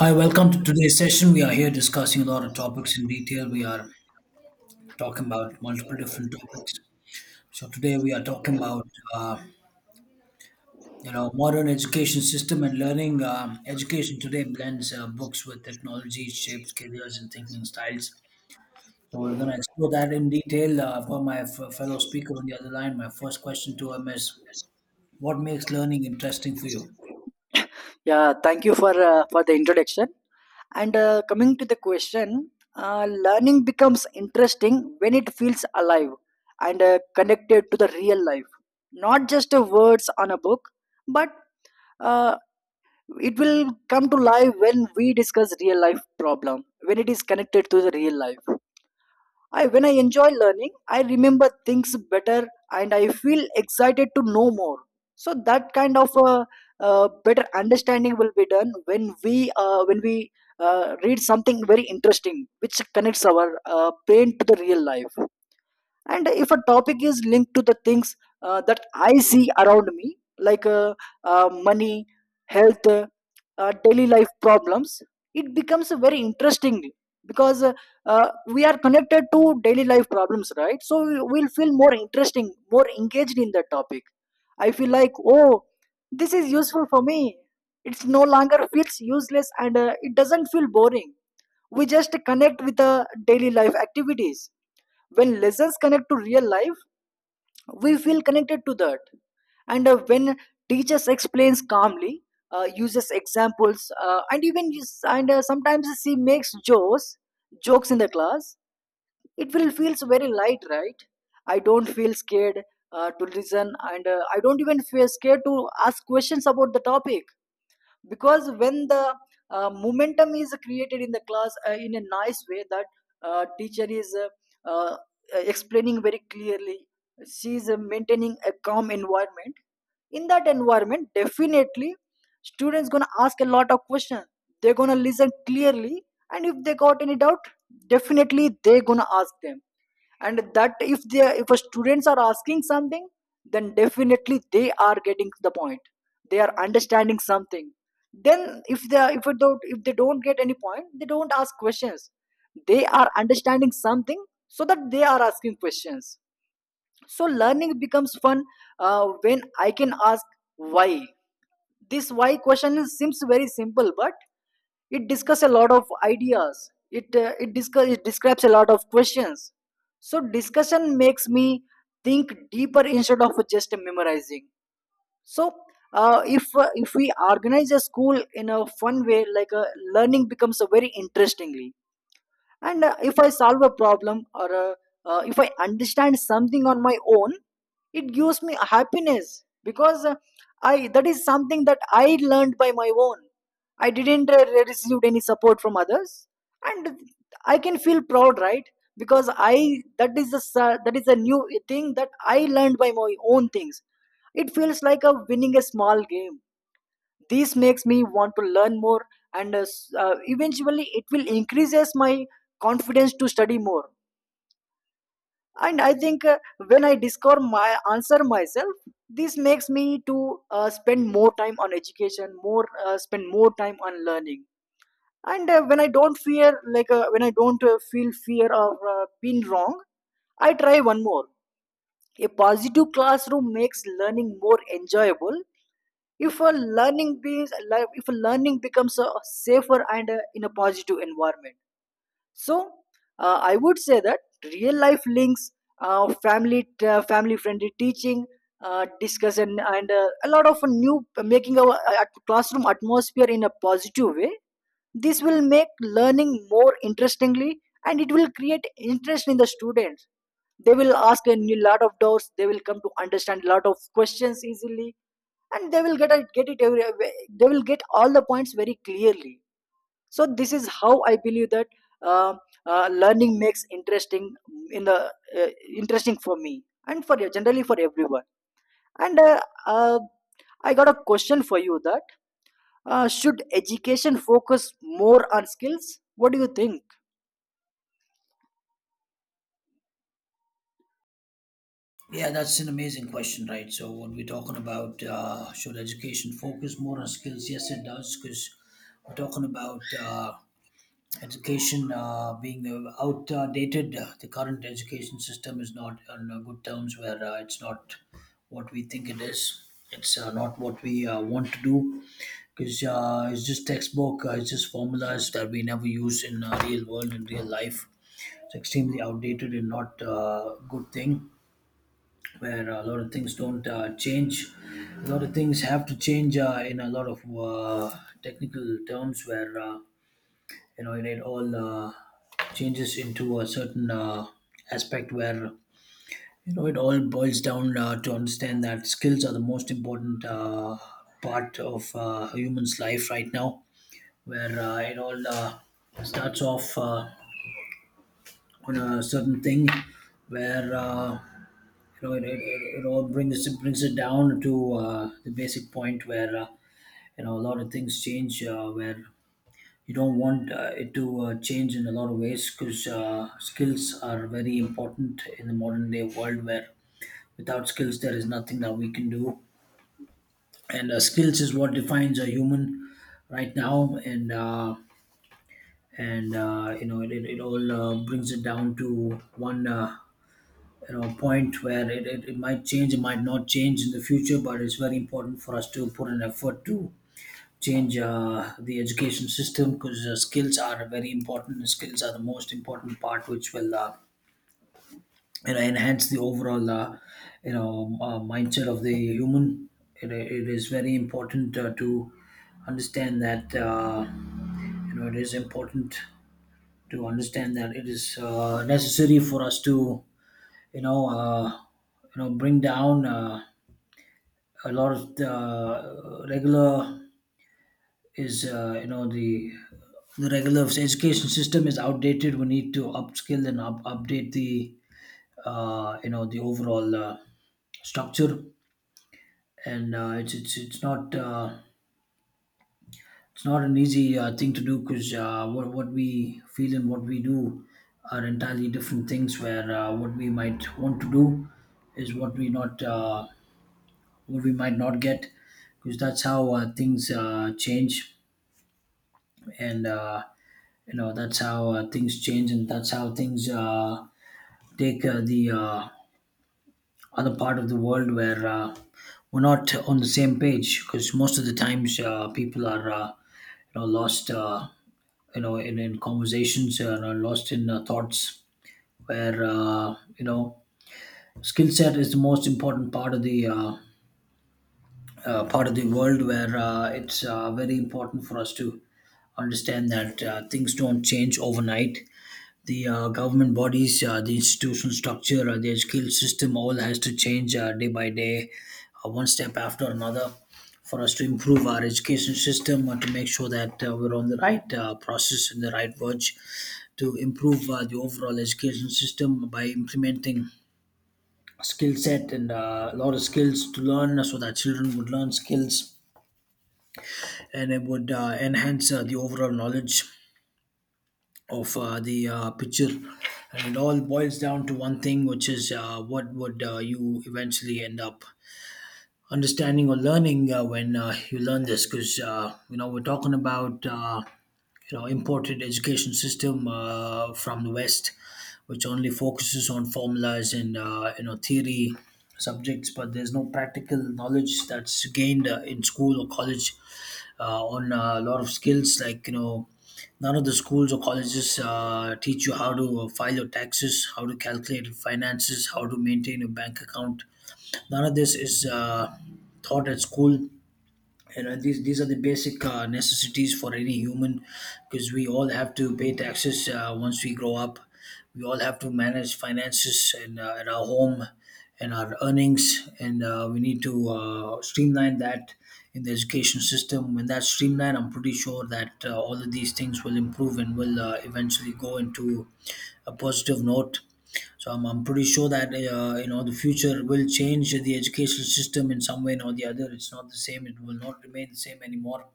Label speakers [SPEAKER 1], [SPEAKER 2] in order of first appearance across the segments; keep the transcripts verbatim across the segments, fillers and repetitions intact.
[SPEAKER 1] Hi, welcome to today's session. We are here discussing a lot of topics in detail. We are talking about multiple different topics. So today we are talking about uh, you know modern education system and learning. Um, education today blends uh, books with technology, shapes careers and thinking styles. So we're going to explore that in detail. Uh, for my f- fellow speaker on the other line, my first question to him is, what makes learning interesting for you?
[SPEAKER 2] Yeah, thank you for uh, for the introduction. And uh, coming to the question, uh, learning becomes interesting when it feels alive and uh, connected to the real life, not just uh, words on a book, but uh, it will come to life when we discuss real life problem when it is connected to the real life. I when I enjoy learning, I remember things better and I feel excited to know more. So that kind of a, uh, better understanding will be done when we uh, when we uh, read something very interesting, which connects our uh, brain to the real life, and if a topic is linked to the things uh, that I see around me, like uh, uh, money, health, uh, uh, daily life problems, it becomes very interesting because uh, uh, we are connected to daily life problems, right? So we- we'll feel more interesting, more engaged in that topic. I feel like, oh, this is useful for me. It's no longer feels useless and uh, it doesn't feel boring. We just connect with the daily life activities. When lessons connect to real life, we feel connected to that. And uh, when teachers explains calmly, uh, uses examples, uh, and even use- and uh, sometimes she makes jokes, jokes in the class. It will feels very light, right? I don't feel scared uh, to listen, and uh, I don't even feel scared to ask questions about the topic, because when the uh, momentum is created in the class uh, in a nice way, that uh, teacher is uh, uh, explaining very clearly, she is uh, maintaining a calm environment. In that environment, definitely students gonna ask a lot of questions, they're gonna listen clearly, and if they got any doubt, definitely they're gonna ask them. And that if they if a students are asking something, then definitely they are getting the point, they are understanding something. Then if they if they don't if they don't get any point, they don't ask questions. They are understanding something, so that they are asking questions. So learning becomes fun uh, when I can ask why. This why question is, seems very simple, but it discusses a lot of ideas, it uh, it discuss it describes a lot of questions. So discussion makes me think deeper instead of just memorizing. So uh, if uh, if we organize a school in a fun way, like uh, learning becomes a very interestingly. And uh, if I solve a problem, or uh, uh, if I understand something on my own, it gives me happiness, because uh, I that is something that I learned by my own. I didn't uh, receive any support from others, and I can feel proud, right? Because I that is the s- uh, that is a new thing that I learned by my own things. It feels like a winning a small game. This makes me want to learn more. And uh, s- uh, eventually it will increases my confidence to study more. And I think uh, when I discover my answer myself, this makes me to uh, spend more time on education, more uh, spend more time on learning. And uh, when i don't fear like uh, when I don't uh, feel fear of uh, being wrong, I try one more. A positive classroom makes learning more enjoyable. If a learning beings like if a learning becomes a safer and a, in a positive environment. So uh, I would say that real life links, uh, family uh, family friendly teaching, uh, discussion, and uh, a lot of new making our uh, classroom atmosphere in a positive way, this will make learning more interestingly and it will create interest in the students. They will ask a new lot of doubts, they will come to understand a lot of questions easily, and they will get it get it every, they will get all the points very clearly. So this is how I believe that uh, uh, learning makes interesting in the uh, interesting for me and for generally for everyone. And uh, uh, I got a question for you, that uh, should education focus more on skills, what do you think?
[SPEAKER 1] Yeah, that's an amazing question, right? So, what we're talking about, uh, should education focus more on skills? Yes, it does, because we're talking about uh, education uh, being uh, outdated. Uh, The current education system is not on uh, good terms, where uh, it's not what we think it is. It's uh, not what we uh, want to do, because uh, it's just textbook, uh, it's just formulas that we never use in uh, real world and real life. It's extremely outdated and not uh, good thing where a lot of things don't uh, change. A lot of things have to change uh, in a lot of uh, technical terms, where uh, you know it, it all uh, changes into a certain uh, aspect where you know it all boils down uh, to understand that skills are the most important uh, part of uh, a human's life right now, where uh, it all uh, starts off uh, on a certain thing where. Uh, you know, it, it, it it all brings it brings it down to uh, the basic point where uh, you know a lot of things change, uh, where you don't want uh, it to uh, change in a lot of ways because uh, skills are very important in the modern day world where without skills there is nothing that we can do, and uh, skills is what defines a human right now, and uh, and uh, you know it, it, it all uh, brings it down to one. Uh, you know point where it, it, it might change it might not change in the future, but it's very important for us to put an effort to change uh, the education system because uh, skills are very important and skills are the most important part which will uh, you know enhance the overall uh, you know uh, mindset of the human. It, it is very important uh, to understand that uh, you know it is important to understand that it is uh, necessary for us to you know uh, you know bring down uh, a lot of the uh, regular is uh, you know the the regular education system is outdated. We need to upskill and up, update the uh, you know the overall uh, structure, and uh, it's it's it's not uh, it's not an easy uh, thing to do because uh, what what we feel and what we do are entirely different things. Where uh, what we might want to do is what we not uh, what we might not get because that's how uh, things uh, change and uh, you know that's how uh, things change and that's how things uh, take uh, the uh, other part of the world where uh, we're not on the same page because most of the times uh, people are uh, you know lost uh, you know in, in conversations and are lost in uh, thoughts where uh, you know skill set is the most important part of the uh, uh, part of the world where uh, it's uh, very important for us to understand that uh, things don't change overnight. The uh, government bodies, uh, the institutional structure, uh, their skill system, all has to change uh, day by day, uh, one step after another, for us to improve our education system uh, to make sure that uh, we're on the right uh, process and the right verge to improve uh, the overall education system by implementing skill set and uh, a lot of skills to learn so that children would learn skills and it would uh, enhance uh, the overall knowledge of uh, the uh, picture. And it all boils down to one thing which is uh, what would uh, you eventually end up understanding or learning uh, when uh, you learn this, because uh, you know we're talking about uh, you know imported education system uh, from the west which only focuses on formulas and uh, you know theory subjects, but there's no practical knowledge that's gained uh, in school or college uh, on a lot of skills, like you know none of the schools or colleges uh, teach you how to uh, file your taxes, how to calculate your finances, how to maintain your bank account. None of this is uh, taught at school. You know these these are the basic uh, necessities for any human, because we all have to pay taxes uh, once we grow up. We all have to manage finances and uh, at our home and our earnings, and uh, we need to uh, streamline that in the education system. When that's streamlined, I'm pretty sure that uh, all of these things will improve and will uh, eventually go into a positive note. So I'm, I'm pretty sure that uh, you know the future will change the educational system in some way or the other. It's not the same. It will not remain the same anymore.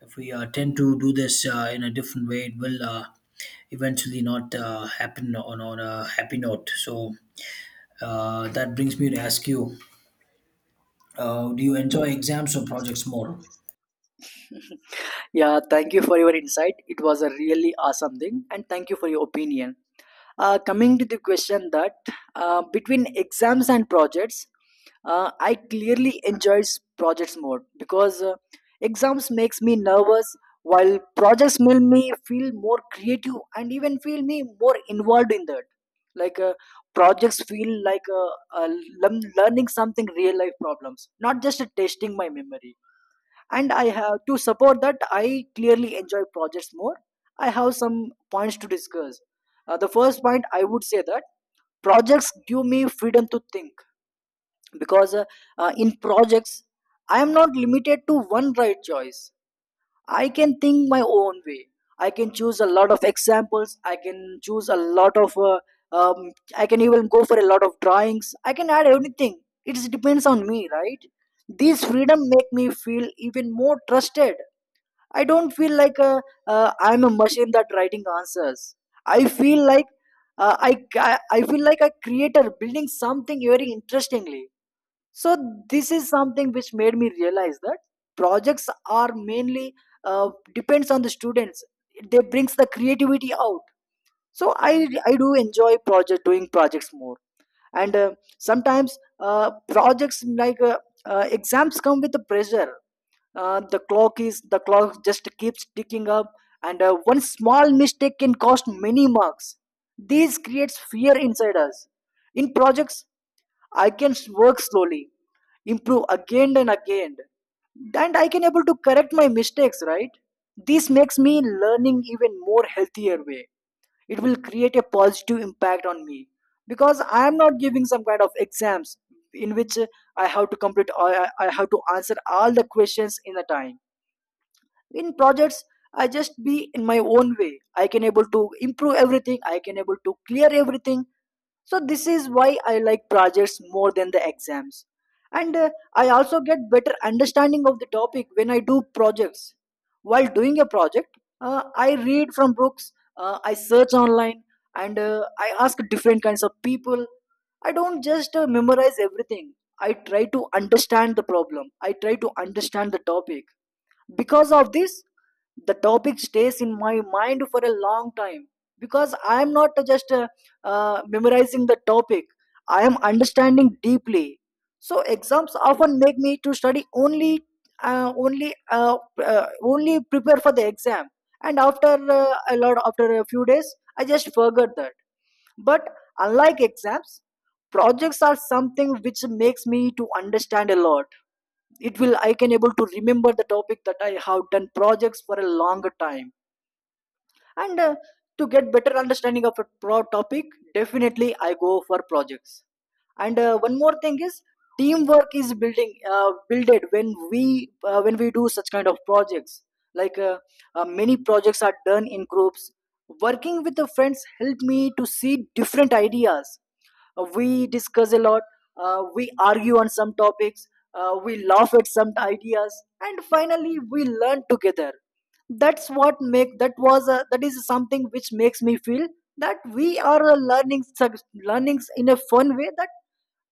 [SPEAKER 1] If we uh, tend to do this uh, in a different way, it will uh, eventually not uh, happen on, on a happy note. So uh, that brings me to ask you: uh, Do you enjoy exams or projects more?
[SPEAKER 2] Yeah, thank you for your insight. It was a really awesome thing, and thank you for your opinion. Uh, coming to the question, that uh, between exams and projects, uh, I clearly enjoys projects more because uh, exams makes me nervous, while projects make me feel more creative and even feel me more involved in that. Like uh, projects feel like uh, uh, learn- learning something real life problems, not just testing my memory. And I have to support that I clearly enjoy projects more. I have some points to discuss. Uh, the first point I would say that projects give me freedom to think, because uh, uh, in projects I am not limited to one right choice. I can think my own way, I can choose a lot of examples, I can choose a lot of uh, um, I can even go for a lot of drawings, I can add anything, it depends on me, right? This freedom make me feel even more trusted. I don't feel like a, uh, I'm a machine that writing answers. I feel like uh, I, ca- I feel like a creator building something very interestingly. So this is something which made me realize that projects are mainly uh, depends on the students. They brings the creativity out. So i i do enjoy project doing projects more. And uh, sometimes uh, projects like uh, uh, exams come with the pressure. uh, the clock is the clock just keeps ticking up, and uh, one small mistake can cost many marks. This creates fear inside us. In projects, I can s- work slowly, improve again and again, and I can able to correct my mistakes, right? This makes me learning even more healthier way. It will create a positive impact on me, because I am not giving some kind of exams in which I have to complete i, I have to answer all the questions in a time. In projects, I just be in my own way, I can able to improve everything, I can able to clear everything. So this is why I like projects more than the exams. And uh, I also get better understanding of the topic when I do projects. While doing a project, uh, I read from books, uh, I search online, and uh, I ask different kinds of people. I don't just uh, memorize everything. I try to understand the problem, I try to understand the topic. Because of this, the topic stays in my mind for a long time, because I am not just uh, uh, memorizing the topic, I am understanding deeply. So exams often make me to study only uh, only uh, uh, only prepare for the exam, and after uh, a lot after a few days I just forgot that. But unlike exams, projects are something which makes me to understand a lot. It will I can able to remember the topic that I have done projects for a longer time. And uh, to get better understanding of a pro topic, definitely I go for projects. And uh, one more thing is, teamwork is building uh, builded when we uh, when we do such kind of projects. Like uh, uh, many projects are done in groups. Working with the friends helped me to see different ideas. Uh, we discuss a lot, uh, we argue on some topics, uh, we laugh at some ideas, and finally we learn together. that's what make that was a, that is something which makes me feel that we are uh, learning sub- learnings in a fun way, that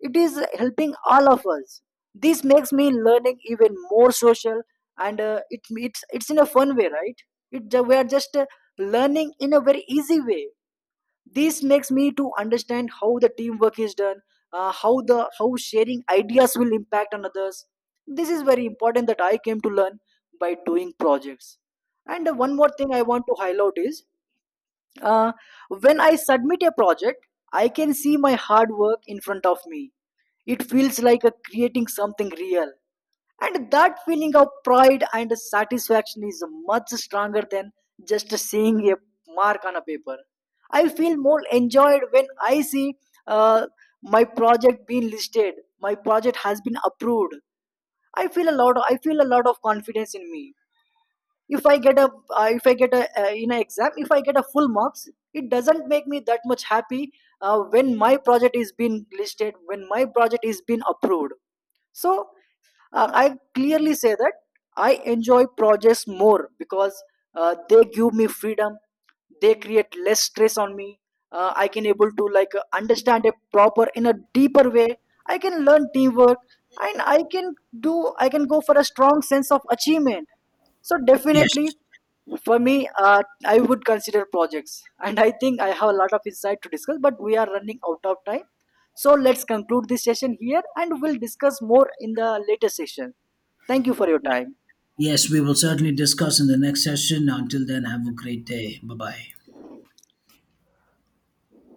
[SPEAKER 2] it is helping all of us. This makes me learning even more social. And uh, it it's it's in a fun way, right? it ju- we are just uh, learning in a very easy way. This makes me to understand how the teamwork is done, uh, how the how sharing ideas will impact on others. This is very important that I came to learn by doing projects. And uh, one more thing I want to highlight is uh, when I submit a project, I can see my hard work in front of me. It feels like a creating something real. And that feeling of pride and satisfaction is much stronger than just seeing a mark on a paper. I feel more enjoyed when I see uh, my project being listed, my project has been approved. I feel a lot. Of, I feel a lot of confidence in me. If I get a, uh, if I get a uh, in an exam, if I get a full marks, it doesn't make me that much happy uh, when my project is being listed, when my project is being approved. So uh, I clearly say that I enjoy projects more because uh, they give me freedom. They create less stress on me. Uh, I can able to like uh, understand a proper in a deeper way. I can learn teamwork, and I can do. I can go for a strong sense of achievement. So
[SPEAKER 1] Yes.
[SPEAKER 2] definitely for me, uh, I would consider projects, and I think I have a lot of insight to discuss. But we are running out of time, so let's conclude this session here, and we'll discuss more in the later session. Thank you for your time.
[SPEAKER 1] Yes, we will certainly discuss in the next session. Until then, have a great day. Bye bye.